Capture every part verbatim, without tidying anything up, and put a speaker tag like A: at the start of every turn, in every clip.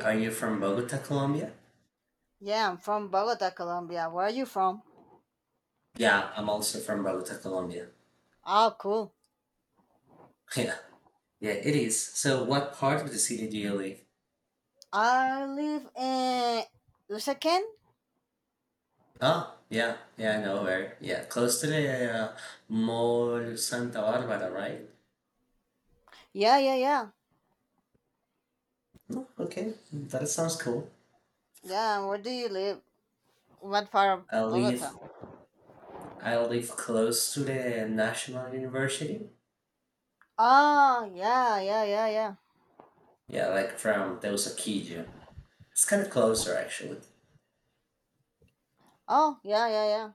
A: Are you from Bogota, Colombia?
B: Yeah, I'm from Bogota, Colombia. Where are you from?
A: Yeah, I'm also from Bogota, Colombia.
B: Oh, cool.
A: Yeah, yeah, it is. So, what part of the city do you live?
B: I live in Usaquén.
A: Oh, yeah, yeah, I know where. Yeah, close to the uh, Mall Santa Barbara, right?
B: Yeah, yeah, yeah.
A: Oh, okay, that sounds cool.
B: Yeah, where do you live? What part
A: I
B: of Bogota?
A: live, I live close to the National University.
B: Oh, yeah, yeah, yeah, yeah.
A: Yeah, like from Teusaquillo. It's kind of closer, actually.
B: Oh, yeah, yeah, yeah.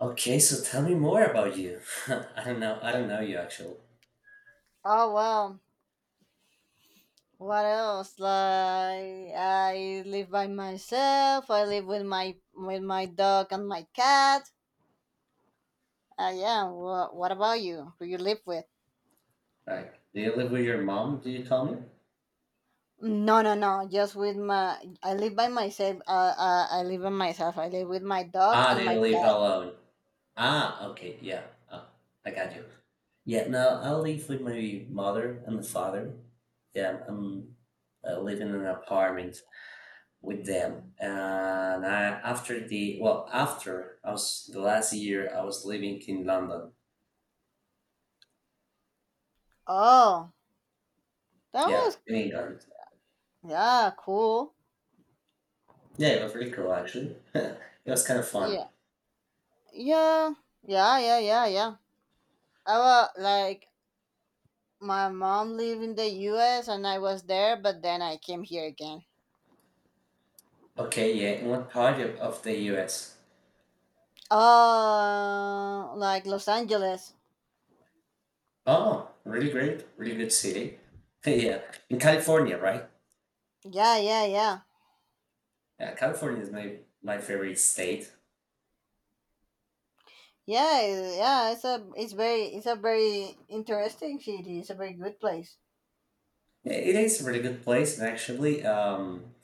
A: Okay, so tell me more about you. I don't know, I don't know you actually.
B: Oh, wow. What else? Like, I live by myself. I live with my with my dog and my cat. Uh, yeah. Wha what about you? Who you live with?
A: Like, do you live with your mom? Do you tell me?
B: No, no, no. Just with my, I live by myself. Uh, uh, I live by myself. I live with my dog
A: Ah,
B: and
A: they
B: my
A: leave
B: pet.
A: alone. Ah, okay, yeah. Ah, I got you. Yeah, no, I live with my mother and father. Yeah, I'm uh, living in an apartment with them. And I, after the, well, after I was the last year, I was living in London.
B: Oh, that
A: Yeah,
B: was
A: in England.
B: yeah, cool.
A: Yeah, it was really cool actually. It was kind of fun.
B: Yeah, yeah, yeah, yeah, yeah, yeah. I was like my mom lived in the U S and I was there, but then I came here again.
A: Okay, yeah, in what part of, of the U S?
B: Oh, like Los Angeles.
A: Oh, really great, really good city. Yeah, in California, right?
B: Yeah, yeah, yeah.
A: Yeah, California is my my favorite state.
B: Yeah, yeah, it's a it's very it's a very interesting city. It's a very good place.
A: It is a really good place, and actually, um,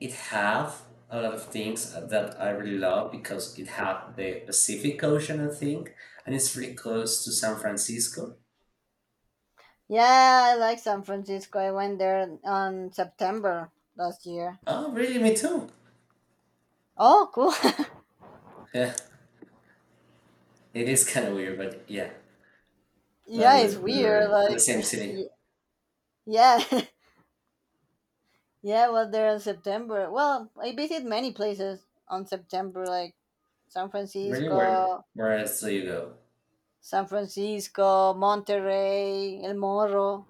A: it have a lot of things that I really love because it have the Pacific Ocean, I think, and it's really close to San Francisco.
B: Yeah, I like San Francisco. I went there on September last year.
A: Oh, really? Me too.
B: Oh, cool.
A: Yeah, it is kind of weird, but yeah, that
B: Yeah,
A: we,
B: it's
A: we
B: weird.
A: were in the
B: Like,
A: same city.
B: y- yeah, yeah, I was there in September. Well, I visited many places on September, like San
A: Really weird.
B: Francisco,
A: Where else do you go?
B: San Francisco, Monterey, El Morro.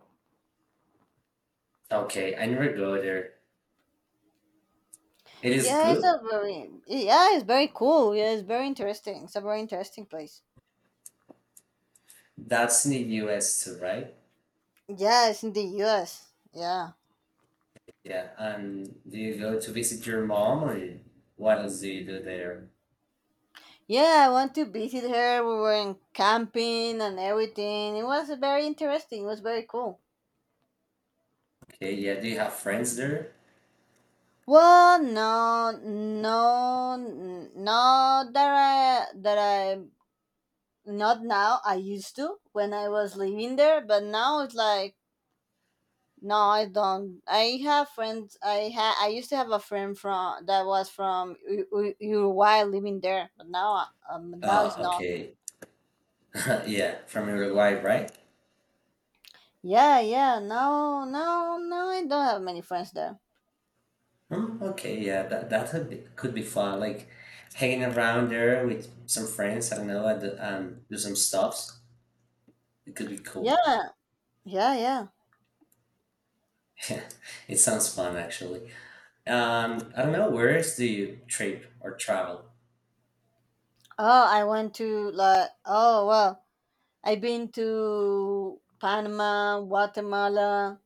A: Okay, I never go there. It is
B: Yeah, it's
A: good.
B: a very yeah, it's very cool. Yeah, it's very interesting. It's a very interesting place.
A: That's in the U S too, right?
B: Yeah, it's in the U S. Yeah.
A: Yeah, and do you go to visit your mom or what else do you do there?
B: Yeah, I want to visit her. We went camping and everything. It was very interesting. It was very cool.
A: Okay, yeah, do you have friends there?
B: Well, no, no, n- not that I that I not now. I used to when I was living there, but now it's like no, I don't. I have friends. I ha I used to have a friend from that was from U- U- Uruguay living there, but now I- um now it's
A: Uh,
B: not.
A: okay, yeah, from your life, right?
B: Yeah, yeah. No, no, no. I don't have many friends there.
A: Hmm, okay, yeah, that that could be, could be fun, like hanging around there with some friends, I don't know, and, um, do some stuffs. It could be cool.
B: Yeah, yeah, yeah.
A: Yeah, it sounds fun actually. Um, I don't know, where else do you trip or travel?
B: Oh, I went to like oh well, I've been to Panama, Guatemala,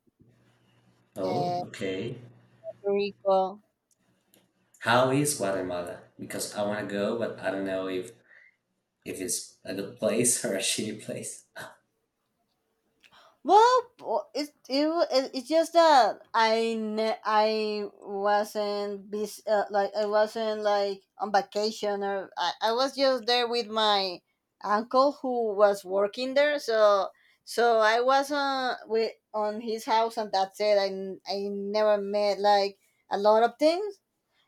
A: Oh,
B: uh,
A: okay.
B: Puerto Rico.
A: How is Guatemala? Because I want to go, but I don't know if If it's a good place or a shitty place.
B: Well, w- it, it wa- it it's just that I ne- I wasn't bus- uh, like I wasn't like on vacation, or I, I was just there with my uncle who was working there, so so I was on with on his house, and that's it. I, n- I never met like a lot of things.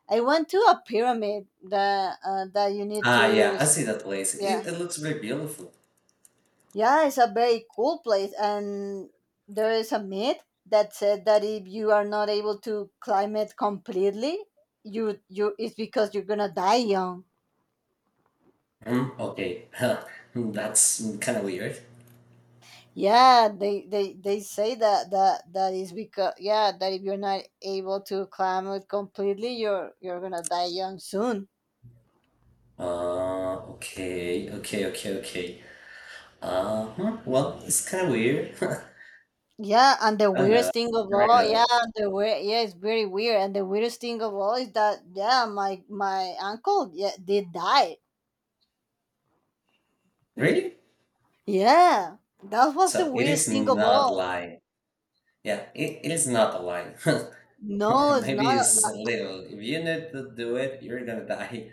B: I went to a pyramid that uh, that you need
A: Ah, yeah,
B: to...
A: I see that place.
B: Yeah,
A: It, it looks very beautiful.
B: yeah, it's a very cool place, and there is a myth that said that if you are not able to climb it completely, you you it's because you're gonna die young.
A: Hmm, okay. Huh. Hmm, that's kind of weird.
B: Yeah, they they, they say that that that is because, yeah, that if you're not able to climb it completely, you're you're gonna die young soon.
A: Uh, okay, okay, okay, okay. Uh, huh, well, it's kind of weird.
B: Yeah, and the
A: I don't know.
B: weirdest thing of
A: There we
B: all, yeah,
A: go.
B: the weird, yeah, it's very weird. And the weirdest thing of all is that, yeah, my my uncle, yeah, did die.
A: Really?
B: Yeah, that was the
A: So it
B: weirdest
A: is
B: thing of
A: not
B: all.
A: lying. Yeah, it, it is not a lie.
B: No, it's
A: Maybe
B: not. a-
A: it's a
B: like-
A: little. If you need to do it, you're gonna die.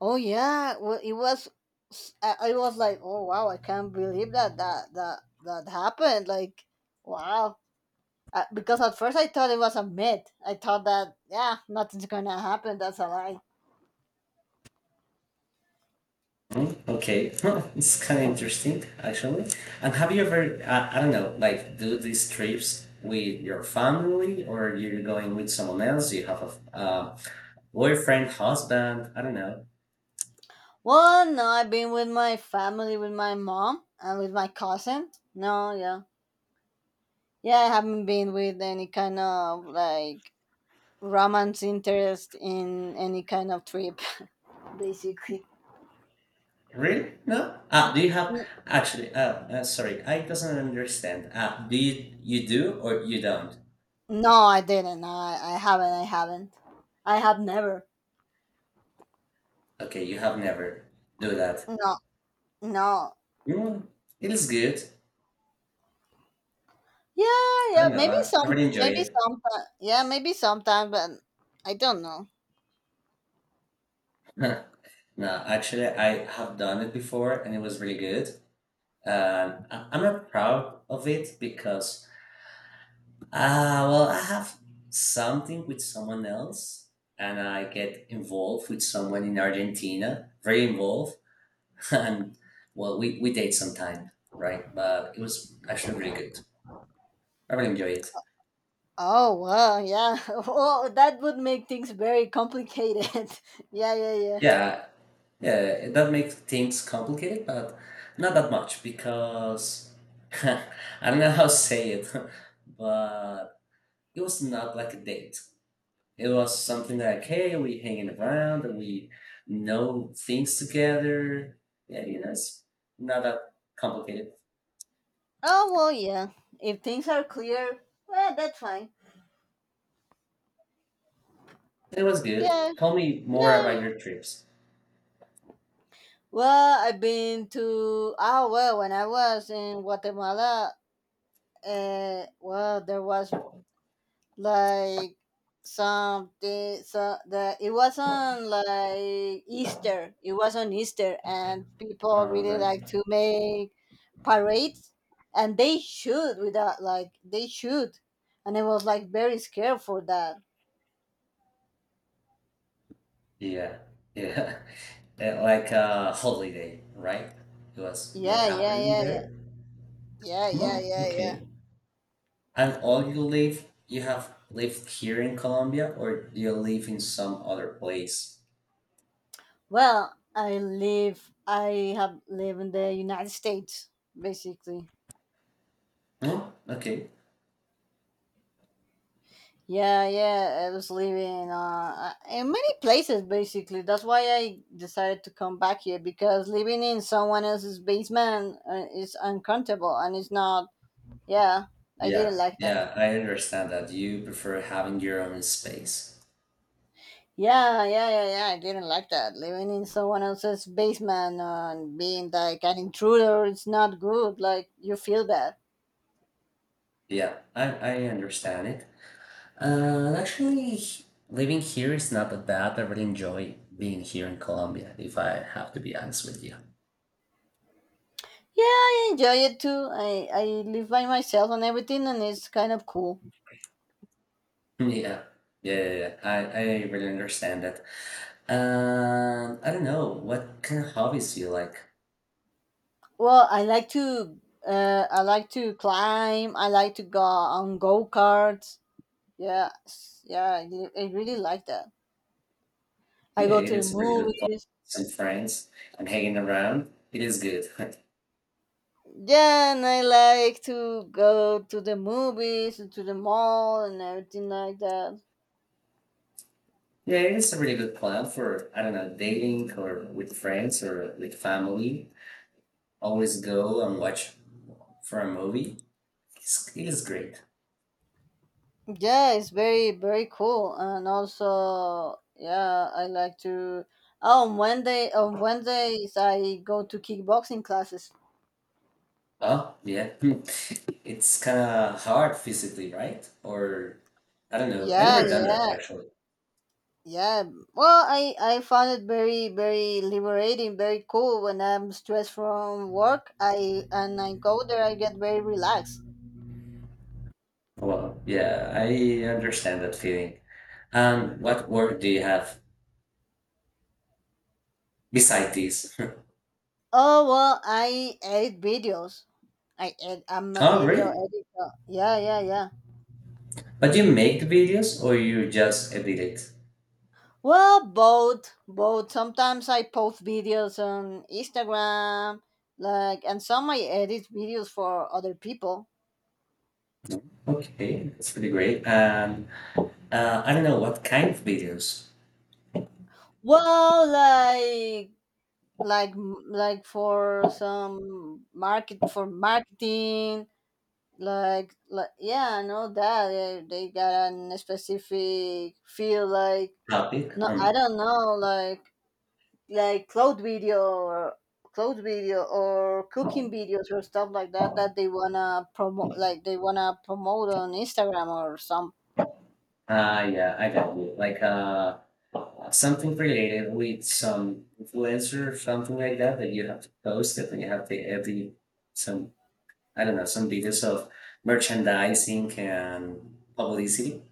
B: Oh yeah, well, it was. s- I, I was like, oh, wow, I can't believe that that that that happened. Like, wow, uh, because at first I thought it was a myth. I thought that, yeah, nothing's gonna happen. That's a lie.
A: Mm, okay, huh, it's kind of interesting, actually. And have you ever, I, I don't know, like do these trips with your family or you're going with someone else? You have a f- uh, boyfriend, husband, I don't know.
B: Well, no, I've been with my family, with my mom, and with my cousin. No, yeah. Yeah, I haven't been with any kind of like romance interest in any kind of trip, basically.
A: Really? No? Ah, do you have,
B: N-
A: actually, uh, uh, sorry, I doesn't understand. Ah, do you, you do or you don't?
B: No, I didn't. No, I, I haven't. I haven't. I have never.
A: Okay, you have never do that.
B: No, no.
A: Mm, it is good.
B: Yeah,
A: I
B: yeah.
A: don't know,
B: Maybe
A: I I
B: some,
A: really enjoy
B: maybe
A: it.
B: sometime. Yeah, maybe sometime, but I don't know.
A: No, actually, I have done it before and it was really good. And I- I'm not proud of it because ah, well I have something with someone else and I get involved with someone in Argentina very involved and well we, we date sometime right but it was actually really good I really enjoy it
B: Oh, well, yeah. Oh, that would make things very complicated. Yeah, yeah, yeah.
A: yeah yeah that makes things complicated but not that much because I don't know how to say it but it was not like a date. It was something like, hey, we hanging around and we know things together. Yeah, you know, it's not that complicated.
B: Oh well, yeah. If things are clear, well, that's fine.
A: It was good.
B: Yeah,
A: Tell me more
B: yeah,
A: about
B: yeah.
A: your trips.
B: Well, I've been to ah well when I was in Guatemala. Uh, well, there was like something, so the it wasn't like Easter. It was on Easter, and people
A: Um,
B: really like
A: right.
B: to make parades, and they shoot without like they shoot, and I was like very scared for that.
A: Yeah, yeah. Uh, like a holiday, right? It was not
B: Yeah, yeah,
A: happening
B: yeah, yeah.
A: there.
B: Yeah, yeah,
A: No,
B: yeah, yeah.
A: okay. And all you live, you have lived here in Colombia, or you live in some other place?
B: Well, I live. I have live in the United States, basically.
A: No, okay.
B: Yeah, yeah. I was living uh, uh, in many places, basically. That's why I decided to come back here, because living in someone else's basement uh, is uncomfortable and it's not. Yeah, I
A: Yeah,
B: didn't like that.
A: yeah, I understand that you prefer having your own space.
B: Yeah, yeah, yeah, yeah. I didn't like that. Living in someone else's basement and being like an intruder, it's not good. Like, you feel bad.
A: Yeah, I, I understand it. Uh, actually, h- living here is not that bad. I really enjoy being here in Colombia, if I have to be honest with you.
B: Yeah, I enjoy it too. I, I live by myself and everything, and it's kind of cool.
A: Yeah, yeah, yeah, yeah. I, I really understand that. Um, I don't know, what kind of hobbies do you like?
B: Well, I like to uh, I like to climb. I like to go on go karts. Yeah, s- yeah, I, li- I really like that. I
A: Yeah,
B: go
A: it
B: to the
A: is really good fun.
B: movies.
A: Some friends and hanging around, it is good.
B: Yeah, and I like to go to the movies and to the mall and everything like that.
A: Yeah, it's a really good plan for, I don't know, dating or with friends or with family. Always go and watch for a movie. It's, it is great.
B: Yeah, it's very very cool, and also, yeah, I like to. Oh, on wednesday on wednesdays I go to kickboxing classes.
A: Oh, yeah. Hmm. It's kind of hard physically, right? Or I don't know. I
B: Yeah,
A: never done
B: yeah,
A: that actually.
B: yeah. Well, i i found it very very liberating, very cool. When I'm stressed from work, I and I go there, I get very relaxed.
A: Well, yeah, I understand that feeling. Um, what work do you have beside this?
B: Oh well, I edit videos. i ed, I'm a
A: Oh,
B: video
A: really?
B: editor. Yeah, yeah, yeah.
A: But you make the videos or you just edit it?
B: Well, both, both. Sometimes I post videos on Instagram, like, and some I edit videos for other people.
A: Okay, that's pretty great. Um, Uh, I don't know what kind of videos
B: Well, like, like, like for some market for marketing, like, like yeah, I know that they, they got a specific field. Like,
A: topic.
B: no, I
A: Um,
B: don't know, like like cloud video or cloud video or cooking videos or stuff like that that they wanna promote, like they wanna promote on Instagram or some...
A: uh, yeah, I got you. Like uh, something related with some influencer, something like that, that you have to post it, and you have to edit some, I don't know, some videos of merchandising and publicity.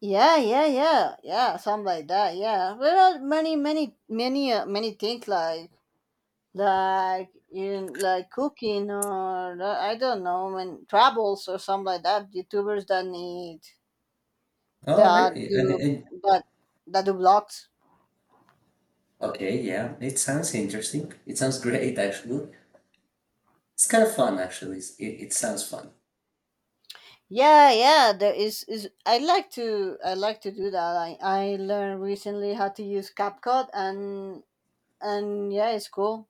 B: Yeah, yeah, yeah, yeah, something like that. Yeah, there are many many many uh, many things like like in like cooking or uh, I don't know, and travels or something like that. YouTubers that need
A: Oh,
B: that
A: really?
B: do
A: And, and,
B: that that do vlogs.
A: okay, yeah, it sounds interesting. It sounds great, actually. It's kind of fun, actually. It, it sounds fun.
B: Yeah, yeah, there is is I like to I like to do that. I I learned recently how to use CapCut, and and yeah, it's cool.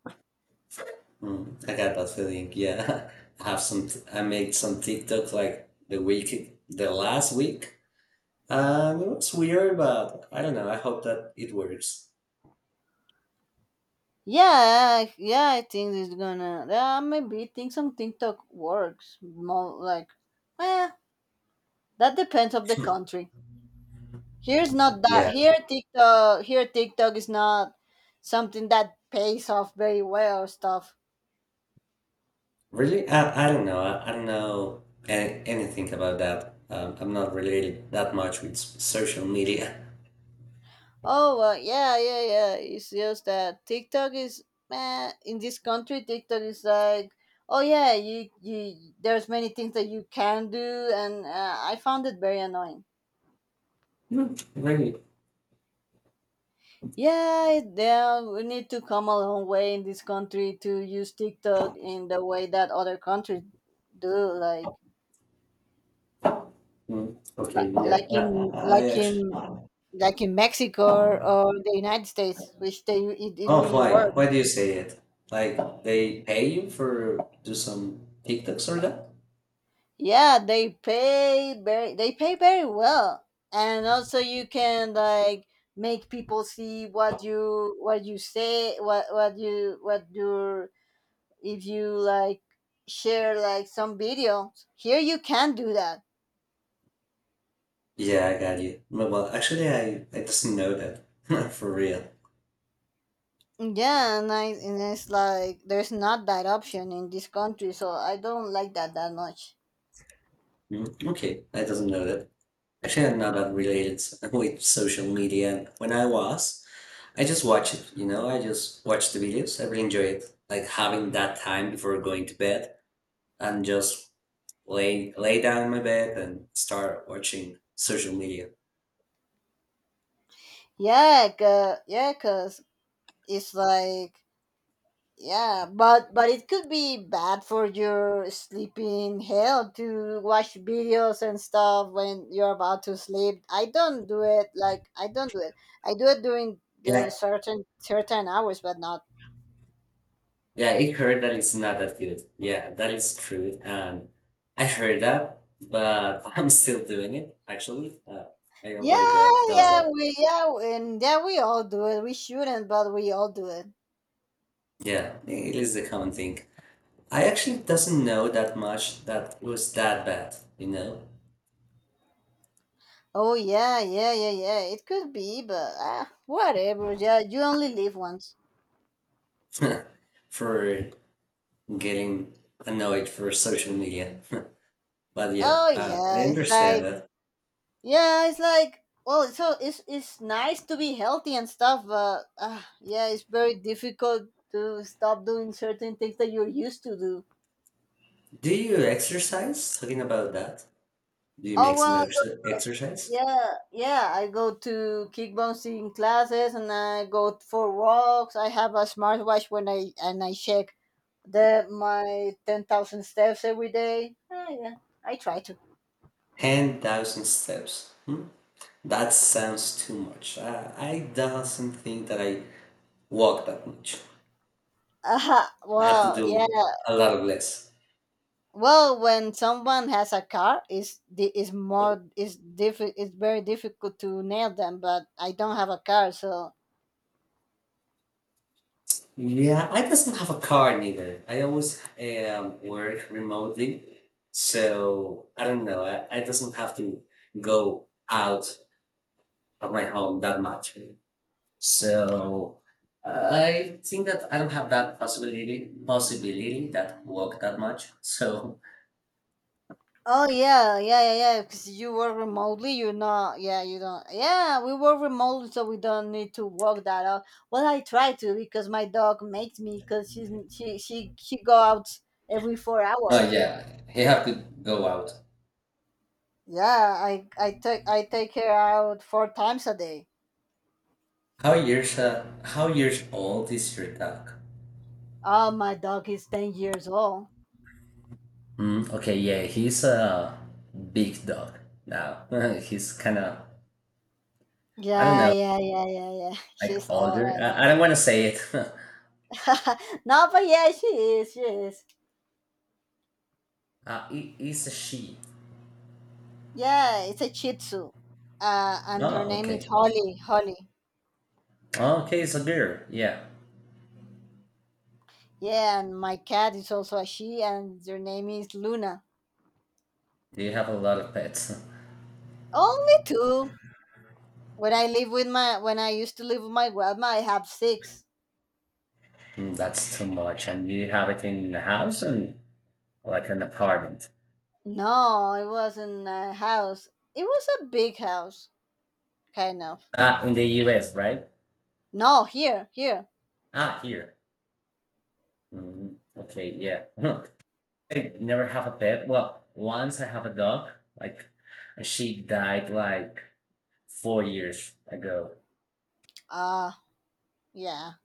A: Mm, I got that feeling. Yeah, I have some. I made some TikTok like the week, the last week, and it was weird, but I don't know. I hope that it works.
B: Yeah, I- yeah, I think it's gonna yeah, maybe think some TikTok works more like, eh, that depends of the country. Here's not that
A: Yeah,
B: here TikTok here TikTok is not something that pays off very well or stuff.
A: really. I, I don't know. I, I don't know any, anything about that. Um, I'm not related that much with s- social media.
B: Oh, well, yeah, yeah, yeah. It's just that TikTok is man in this country. TikTok is like, oh yeah, you you. There's many things that you can do, and uh, I found it very annoying.
A: No, really.
B: Yeah, it- yeah, we need to come a long way in this country to use TikTok in the way that other countries do, like
A: Mm, okay.
B: li-
A: Yeah.
B: like in
A: I, I, I
B: like
A: actually.
B: in like in Mexico or the United States, which they it, it
A: Oh,
B: really
A: why?
B: works.
A: Why do you say it? Like they pay you for do some TikToks or that?
B: Yeah, they pay very they pay very well. And also, you can like make people see what you what you say what what you what your if you like share like some video. Here you can do that.
A: Yeah, I got you. No, well, actually, I I doesn't know that for real.
B: Yeah, and I and it's like there's not that option in this country, so I don't like that that much.
A: Mm, okay, I doesn't know that. Actually, I'm not that related s- with social media. And when I was, I just watch it. You know, I just watch the videos. I really enjoy it. Like having that time before going to bed and just lay lay down in my bed and start watching social media.
B: Yeah, 'cause, yeah, cause it's like... Yeah, but but it could be bad for your sleeping health to watch videos and stuff when you're about to sleep. I don't do it like I don't do it. I do it during during
A: Yeah,
B: certain certain hours, but not.
A: Yeah, I heard that it's not that good. Yeah, that is true. And I heard that, but I'm still doing it, actually. Uh, I
B: Yeah,
A: already do, does
B: yeah,
A: that.
B: we yeah, and yeah, we all do it. We shouldn't, but we all do it.
A: Yeah, it is a common thing. I actually doesn't know that much that it was that bad, you know,
B: Oh yeah, yeah, yeah, yeah. It could be, but uh, whatever. Yeah, you only live once.
A: for getting annoyed for social media. But yeah,
B: Oh
A: uh, I
B: yeah, it's
A: understand
B: like
A: that.
B: yeah, it's like well, it's so it's it's nice to be healthy and stuff, but uh, yeah, it's very difficult to stop doing certain things that you're used to do.
A: Do you exercise? Talking about that, do you make
B: Oh
A: some
B: well,
A: ex exercise?
B: yeah, yeah. I go to kickboxing classes and I go for walks. I have a smartwatch, when I and I check the my ten thousand steps every day. Oh yeah, I try to.
A: ten thousand steps. Hmm? That sounds too much. I, I doesn't think that I walk that much.
B: Uh,
A: I have to
B: well, yeah.
A: do a lot of less.
B: Well, when someone has a car, is is more is diffi- it's very difficult to nail them. But I don't have a car, so...
A: Yeah, I doesn't have a car neither. I always um, work remotely, so I don't know. I, I doesn't have to go out of my home that much. So uh, I think that I don't have that possibility possibility that walk that much. So
B: Oh yeah, yeah, yeah, yeah. Because you work remotely, you know. Yeah, you don't. Yeah, we work remotely, so we don't need to walk that out. Well, I try to, because my dog makes me, because she's she she she go out every four
A: uh,
B: hours.
A: yeah, you have to go out.
B: Yeah, I I take I take her out four times a day.
A: How years uh, how years old is your dog?
B: Oh, my dog is ten years old.
A: Mm, okay, yeah, he's a big dog now. He's kind of, I don't
B: Yeah,
A: know,
B: yeah, yeah, yeah, yeah.
A: like
B: She's all
A: older. I,
B: right
A: I don't want to say it.
B: now. No, but yeah, she is. She is.
A: uh, he, he's a she.
B: Yeah, it's a Shih Tzu, uh, and her
A: Oh,
B: name is
A: okay.
B: Holly. Holly.
A: Oh, okay, it's a girl. Yeah.
B: Yeah, and my cat is also a she, and their name is Luna.
A: Do you have a lot of pets?
B: Only two. When I live with my, when I used to live with my grandma, I have six.
A: Mm, that's too much. And do you have it in the house and like an apartment?
B: No, it wasn't a house. It was a big house, kind of.
A: Ah, in the U S, right?
B: No, here, here.
A: Ah, here. Mm, okay, yeah. I never have a pet. Well, once I have a dog, like and she died like four years ago.
B: Ah, yeah.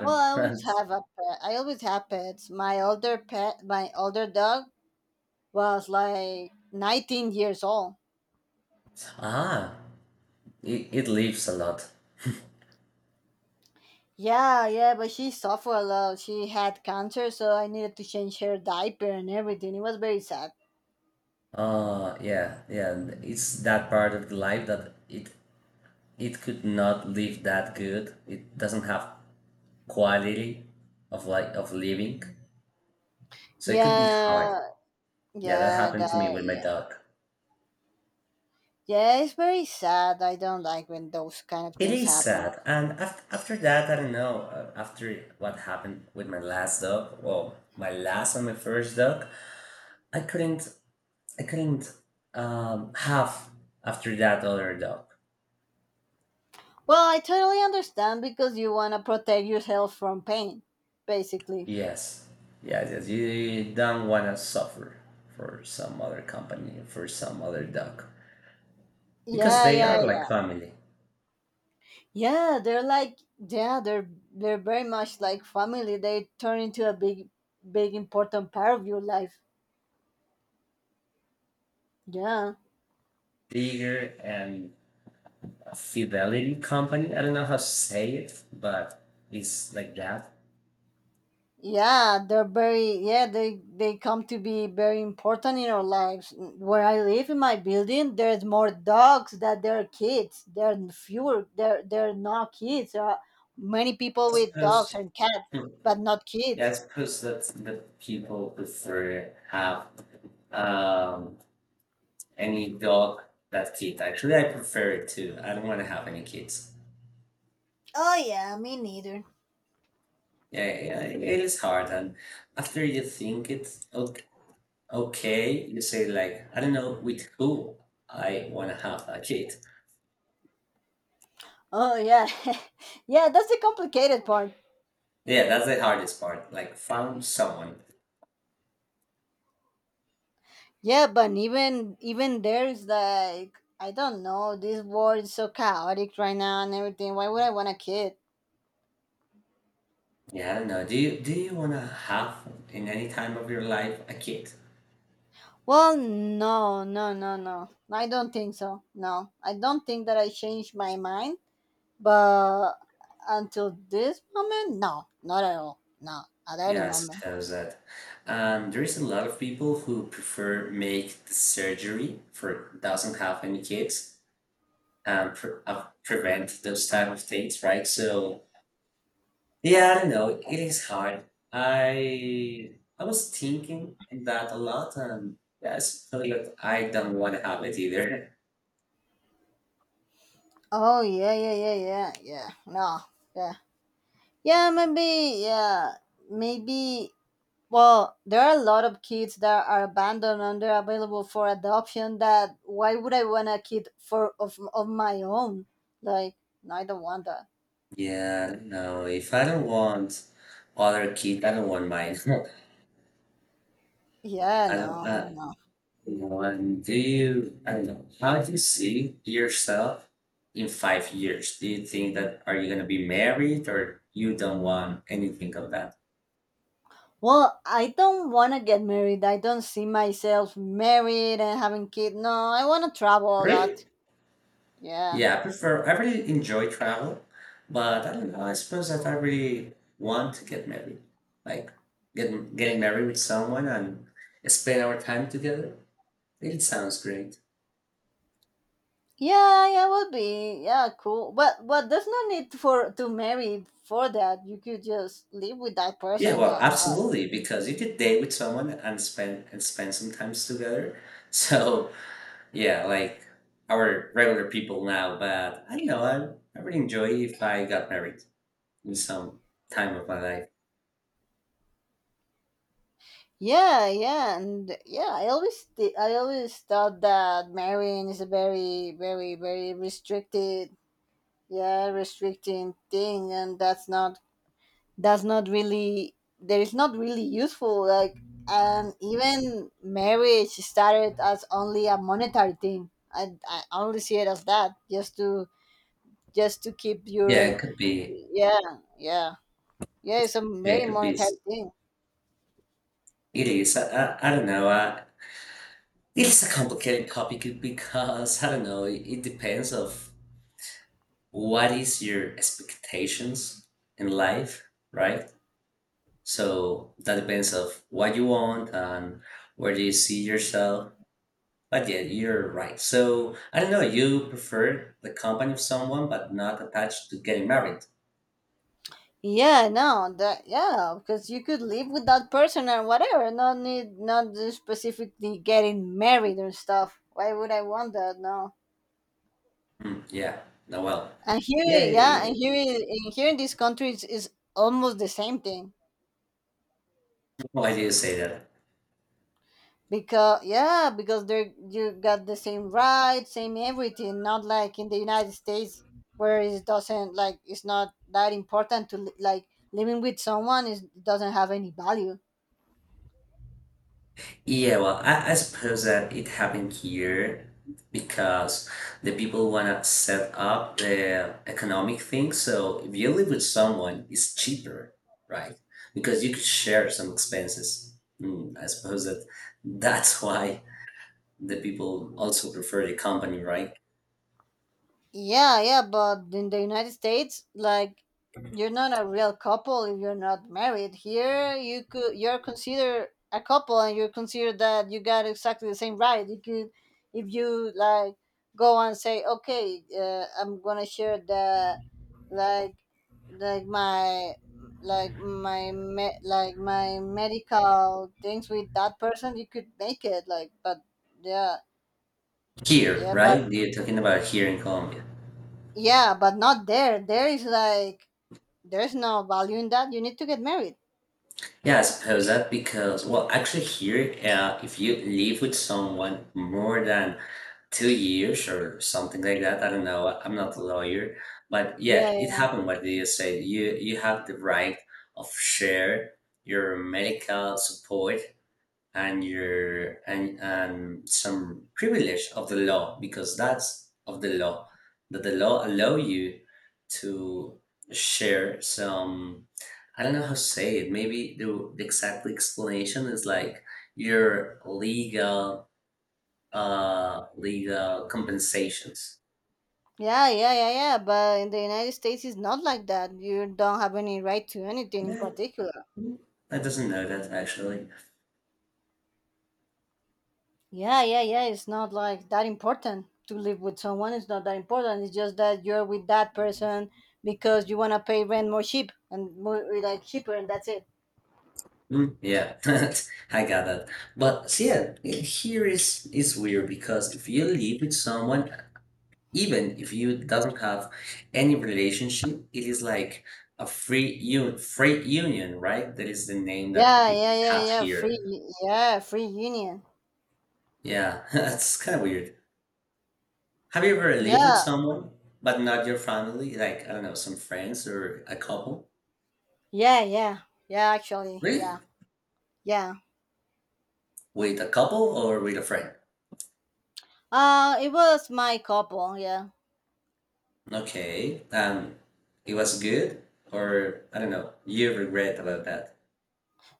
B: Well, I always have a pet. I always have pets. My older pet, my older dog was like nineteen years old.
A: Ah, it, it lives a lot.
B: Yeah, yeah, but she suffered a lot. She had cancer, so I needed to change her diaper and everything. It was very sad.
A: Uh yeah, yeah. And it's that part of the life that it it could not live that good. It doesn't have quality of like of living. So it could be
B: Yeah,
A: hard. Yeah, that
B: yeah,
A: happened to
B: that,
A: me with my
B: yeah.
A: dog.
B: Yeah, it's very sad. I don't like when those kind of
A: It
B: things
A: is
B: happen.
A: sad, and af- after that, I don't know. uh, After what happened with my last dog, well, my last and my first dog, I couldn't, I couldn't um, have after that other dog.
B: Well, I totally understand because you want to protect yourself from pain, basically.
A: Yes, yes, yes. You, you don't want to suffer for some other company, for some other dog, because
B: Yeah,
A: they
B: yeah,
A: are
B: yeah.
A: like family,
B: Yeah, they're like, yeah, they're they're very much like family. They turn into a big big important part of your life. Yeah.
A: bigger and a fidelity company. I don't know how to say it, but it's like that,
B: Yeah, they're very, yeah, they they come to be very important in our lives. Where I live in my building, there's more dogs than there are kids. There are fewer, there there are not kids. There are many people
A: I
B: with dogs
A: suppose.
B: and cats,
A: Hmm,
B: but not
A: yeah, I
B: kids.
A: suppose that's the people prefer have um any dog that kid. Actually, I prefer it too. I don't want to have any kids.
B: Oh yeah, me neither.
A: Yeah, yeah, it is hard. And after you think it's okay, okay, you say like, I don't know with who I want to have a kid.
B: Oh yeah. Yeah, that's the complicated part.
A: Yeah, that's the hardest part. Like, found someone.
B: Yeah, but even even there is like, I don't know. This world is so chaotic right now and everything. Why would I want a kid?
A: Yeah, I don't know. Do you do you want to have in any time of your life a kid?
B: Well, no, no, no, no. I don't think so. No, I don't think that I changed my mind. But until this moment, no, not at all. No, at any
A: Yes, it
B: moment.
A: has that. Um, there is a lot of people who prefer make the surgery for doesn't have any kids and pre- uh, prevent those type of things, right? So yeah, I don't know. It is hard. I I was thinking that a lot, and yeah, I suppose that I don't want to have it either.
B: Oh yeah, yeah, yeah, yeah, yeah. No, yeah, yeah. Maybe, yeah, maybe. Well, there are a lot of kids that are abandoned and they're available for adoption, that why would I want a kid for of of my own? Like, no, I don't want that.
A: Yeah, no, if I don't want other kid, I don't want mine.
B: Yeah,
A: I don't,
B: no,
A: uh,
B: no.
A: you know, And do you, I don't know, how do you see yourself in five years? Do you think that are you gonna be married or you don't want anything of that?
B: Well, I don't want to get married. I don't see myself married and having kids. No, I want to travel a lot.
A: Really?
B: Yeah.
A: Yeah, I prefer, I really enjoy travel, but I don't know, I suppose that I really want to get married. Like get, getting married with someone and spend our time together. It sounds great.
B: Yeah, yeah, would be. Yeah, cool. But but there's no need for to marry for that. You could just live with that
A: Yeah,
B: person,
A: well,
B: that.
A: absolutely, because you could date with someone and spend and spend some times together. So yeah, like our regular people now, but I don't know, I I would enjoy if I got married in some time of my life.
B: Yeah, yeah, and yeah, I always th- I always thought that marrying is a very, very, very restricted, yeah, restricting thing, and that's not, that's not really there is not really useful. Like, and even marriage started as only a monetary thing. I I only see it as that, just to just to keep
A: Yeah,
B: your,
A: it could be.
B: yeah, yeah, yeah. It's a
A: Yeah,
B: very
A: it could be.
B: monetary
A: s-
B: thing.
A: It is. I, I, I don't know. Uh, it's a complicated topic because I don't know. It, it depends of what is your expectations in life, right? So that depends of what you want and where do you see yourself. But yeah, you're right. So I don't know. You prefer the company of someone, but not attached to getting married.
B: Yeah, no, that, yeah, because you could live with that person or whatever. Not need, not specifically getting married or stuff. Why would I want that? No.
A: Hmm, yeah. No, well,
B: And
A: yeah.
B: here,
A: yeah,
B: yeah, and
A: yeah.
B: here in here in this country is, is almost the same thing,
A: Why do you say that?
B: because yeah, because they you got the same rights, same everything. Not like in the United States, where it doesn't, like, it's not that important to li- like, living with someone is doesn't have any value.
A: Yeah, well, I, I suppose that it happened here because the people want to set up the economic thing. So if you live with someone, it's cheaper, right? Because you could share some expenses. Mm, I suppose that that's why the people also prefer the company, right?
B: Yeah, yeah, but in the United States, like, you're not a real couple if you're not married. Here, you could, you're considered a couple, and you're considered that you got exactly the same right. You could, if you like, go and say, okay, uh, I'm gonna share the, like, like my like my me- like my medical things with that person, you could make it, like, but yeah,
A: Here,
B: yeah, but
A: right? You're talking about here in Colombia.
B: yeah, but not there, there is like, there's no value in that. You need to get married.
A: Yeah, I suppose that because, well, actually here, uh, if you live with someone more than two years or something like that. I don't know. I'm not a lawyer, but yeah,
B: Yeah,
A: it
B: yeah,
A: happened what you said. You you have the right of share your medical support and your and and some privilege of the law because that's of the law that the law allow you to share some I don't know how to say it. Maybe the, the exact explanation is like your legal uh, legal compensations.
B: yeah, yeah, yeah, yeah. But in the United States, it's not like that. You don't have any right to anything in
A: Yeah,
B: particular.
A: mm, I doesn't know that actually.
B: Yeah, yeah, yeah. It's not like that important to live with someone. It's not that important. It's just that you're with that person because you want to pay rent more cheap and more, like, cheaper, and that's it.
A: Mm, yeah, I got that. But see, yeah, here is is weird because if you live with someone, even if you doesn't have any relationship, it is like a free un freight union, right? That is the name that
B: Yeah,
A: it
B: yeah, yeah,
A: have
B: yeah. Free,
A: here.
B: yeah, free union.
A: Yeah, that's kind of weird. Have you ever lived with
B: Yeah,
A: someone but not your family? Like I don't know, some friends or a couple?
B: yeah, yeah, yeah. Actually,
A: Really?
B: yeah, yeah.
A: With a couple or with a friend?
B: Uh, it was my couple. Yeah.
A: Okay. Um, it was good, or I don't know. You regret about that?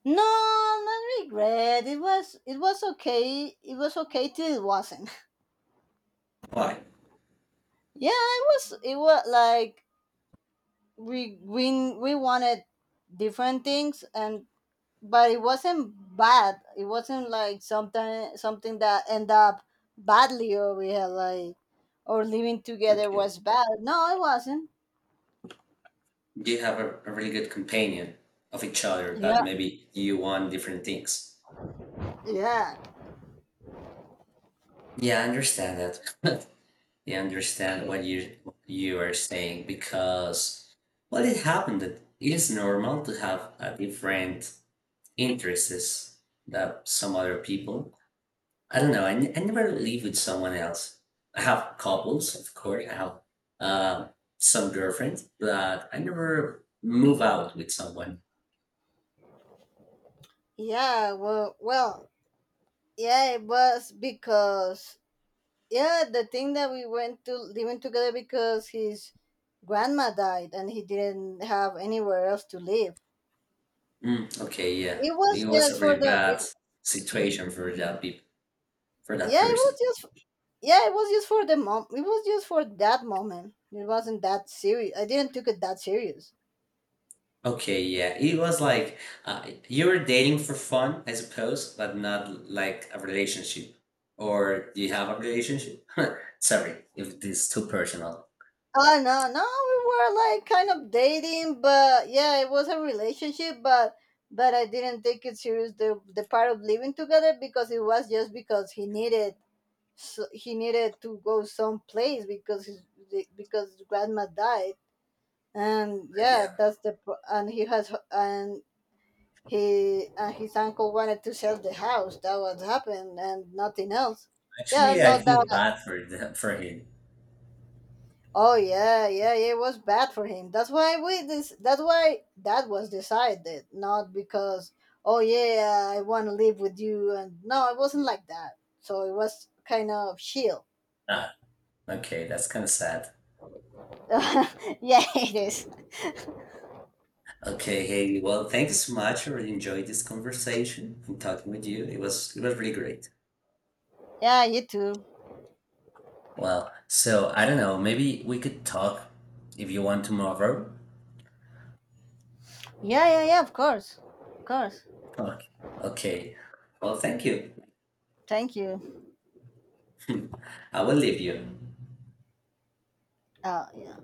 B: No, not regret. It was it was okay. It was okay till it wasn't.
A: Why?
B: Yeah, it was it was like, we we we wanted different things, and but it wasn't bad. It wasn't like something something that end up badly, or we had like, or living together
A: Okay.
B: was bad. No, it wasn't.
A: You have a, a really good companion of each other,
B: Yeah.
A: but maybe you want different things.
B: Yeah.
A: Yeah, I understand that. Yeah, I understand what you you are saying because well, it happened that it is normal to have a different interests than some other people. I don't know. I, n- I never live with someone else. I have couples, of course. I have uh, some girlfriends, but I never move out with someone.
B: Yeah. Well, well, yeah, it was because, yeah, the thing that we went to living together because his grandma died and he didn't have anywhere else to live.
A: Mm, okay, yeah,
B: It was
A: it was
B: just
A: a
B: for
A: really
B: the it,
A: bad situation for that people, for that
B: yeah it was
A: person.
B: just, yeah it was just for the mom, it was just for that moment, it wasn't that serious, I didn't took it that serious.
A: Okay, yeah, it was like uh, you were dating for fun, I suppose, but not like a relationship. Or do you have a relationship? Sorry, if this is too personal.
B: Oh no, no, we were like kind of dating, but yeah it was a relationship, but but I didn't take it serious, the, the part of living together, because it was just because he needed, so he needed to go someplace because his, because grandma died. And
A: Uh,
B: yeah,
A: yeah,
B: that's the pro- and he has, and he and his uncle wanted to sell the house, that what happened and nothing else. Yeah,
A: actually, I
B: no doubt.
A: feel bad for the, for him.
B: Oh yeah, yeah, yeah, it was bad for him, that's why we, this that's why that was decided, not because, oh yeah I want to live with you, and no it wasn't like that. So it was kind of chill.
A: Okay, that's kind of sad.
B: Yeah it is.
A: Okay, Haley. Well, thank you so much. I really enjoyed this conversation and talking with you. It was it was really great.
B: Yeah, you too.
A: Well, so I don't know. Maybe we could talk if you want tomorrow.
B: Yeah, yeah, yeah, of course. Of course.
A: Okay. Okay. Well, thank you.
B: Thank you.
A: I will leave you.
B: Uh, yeah.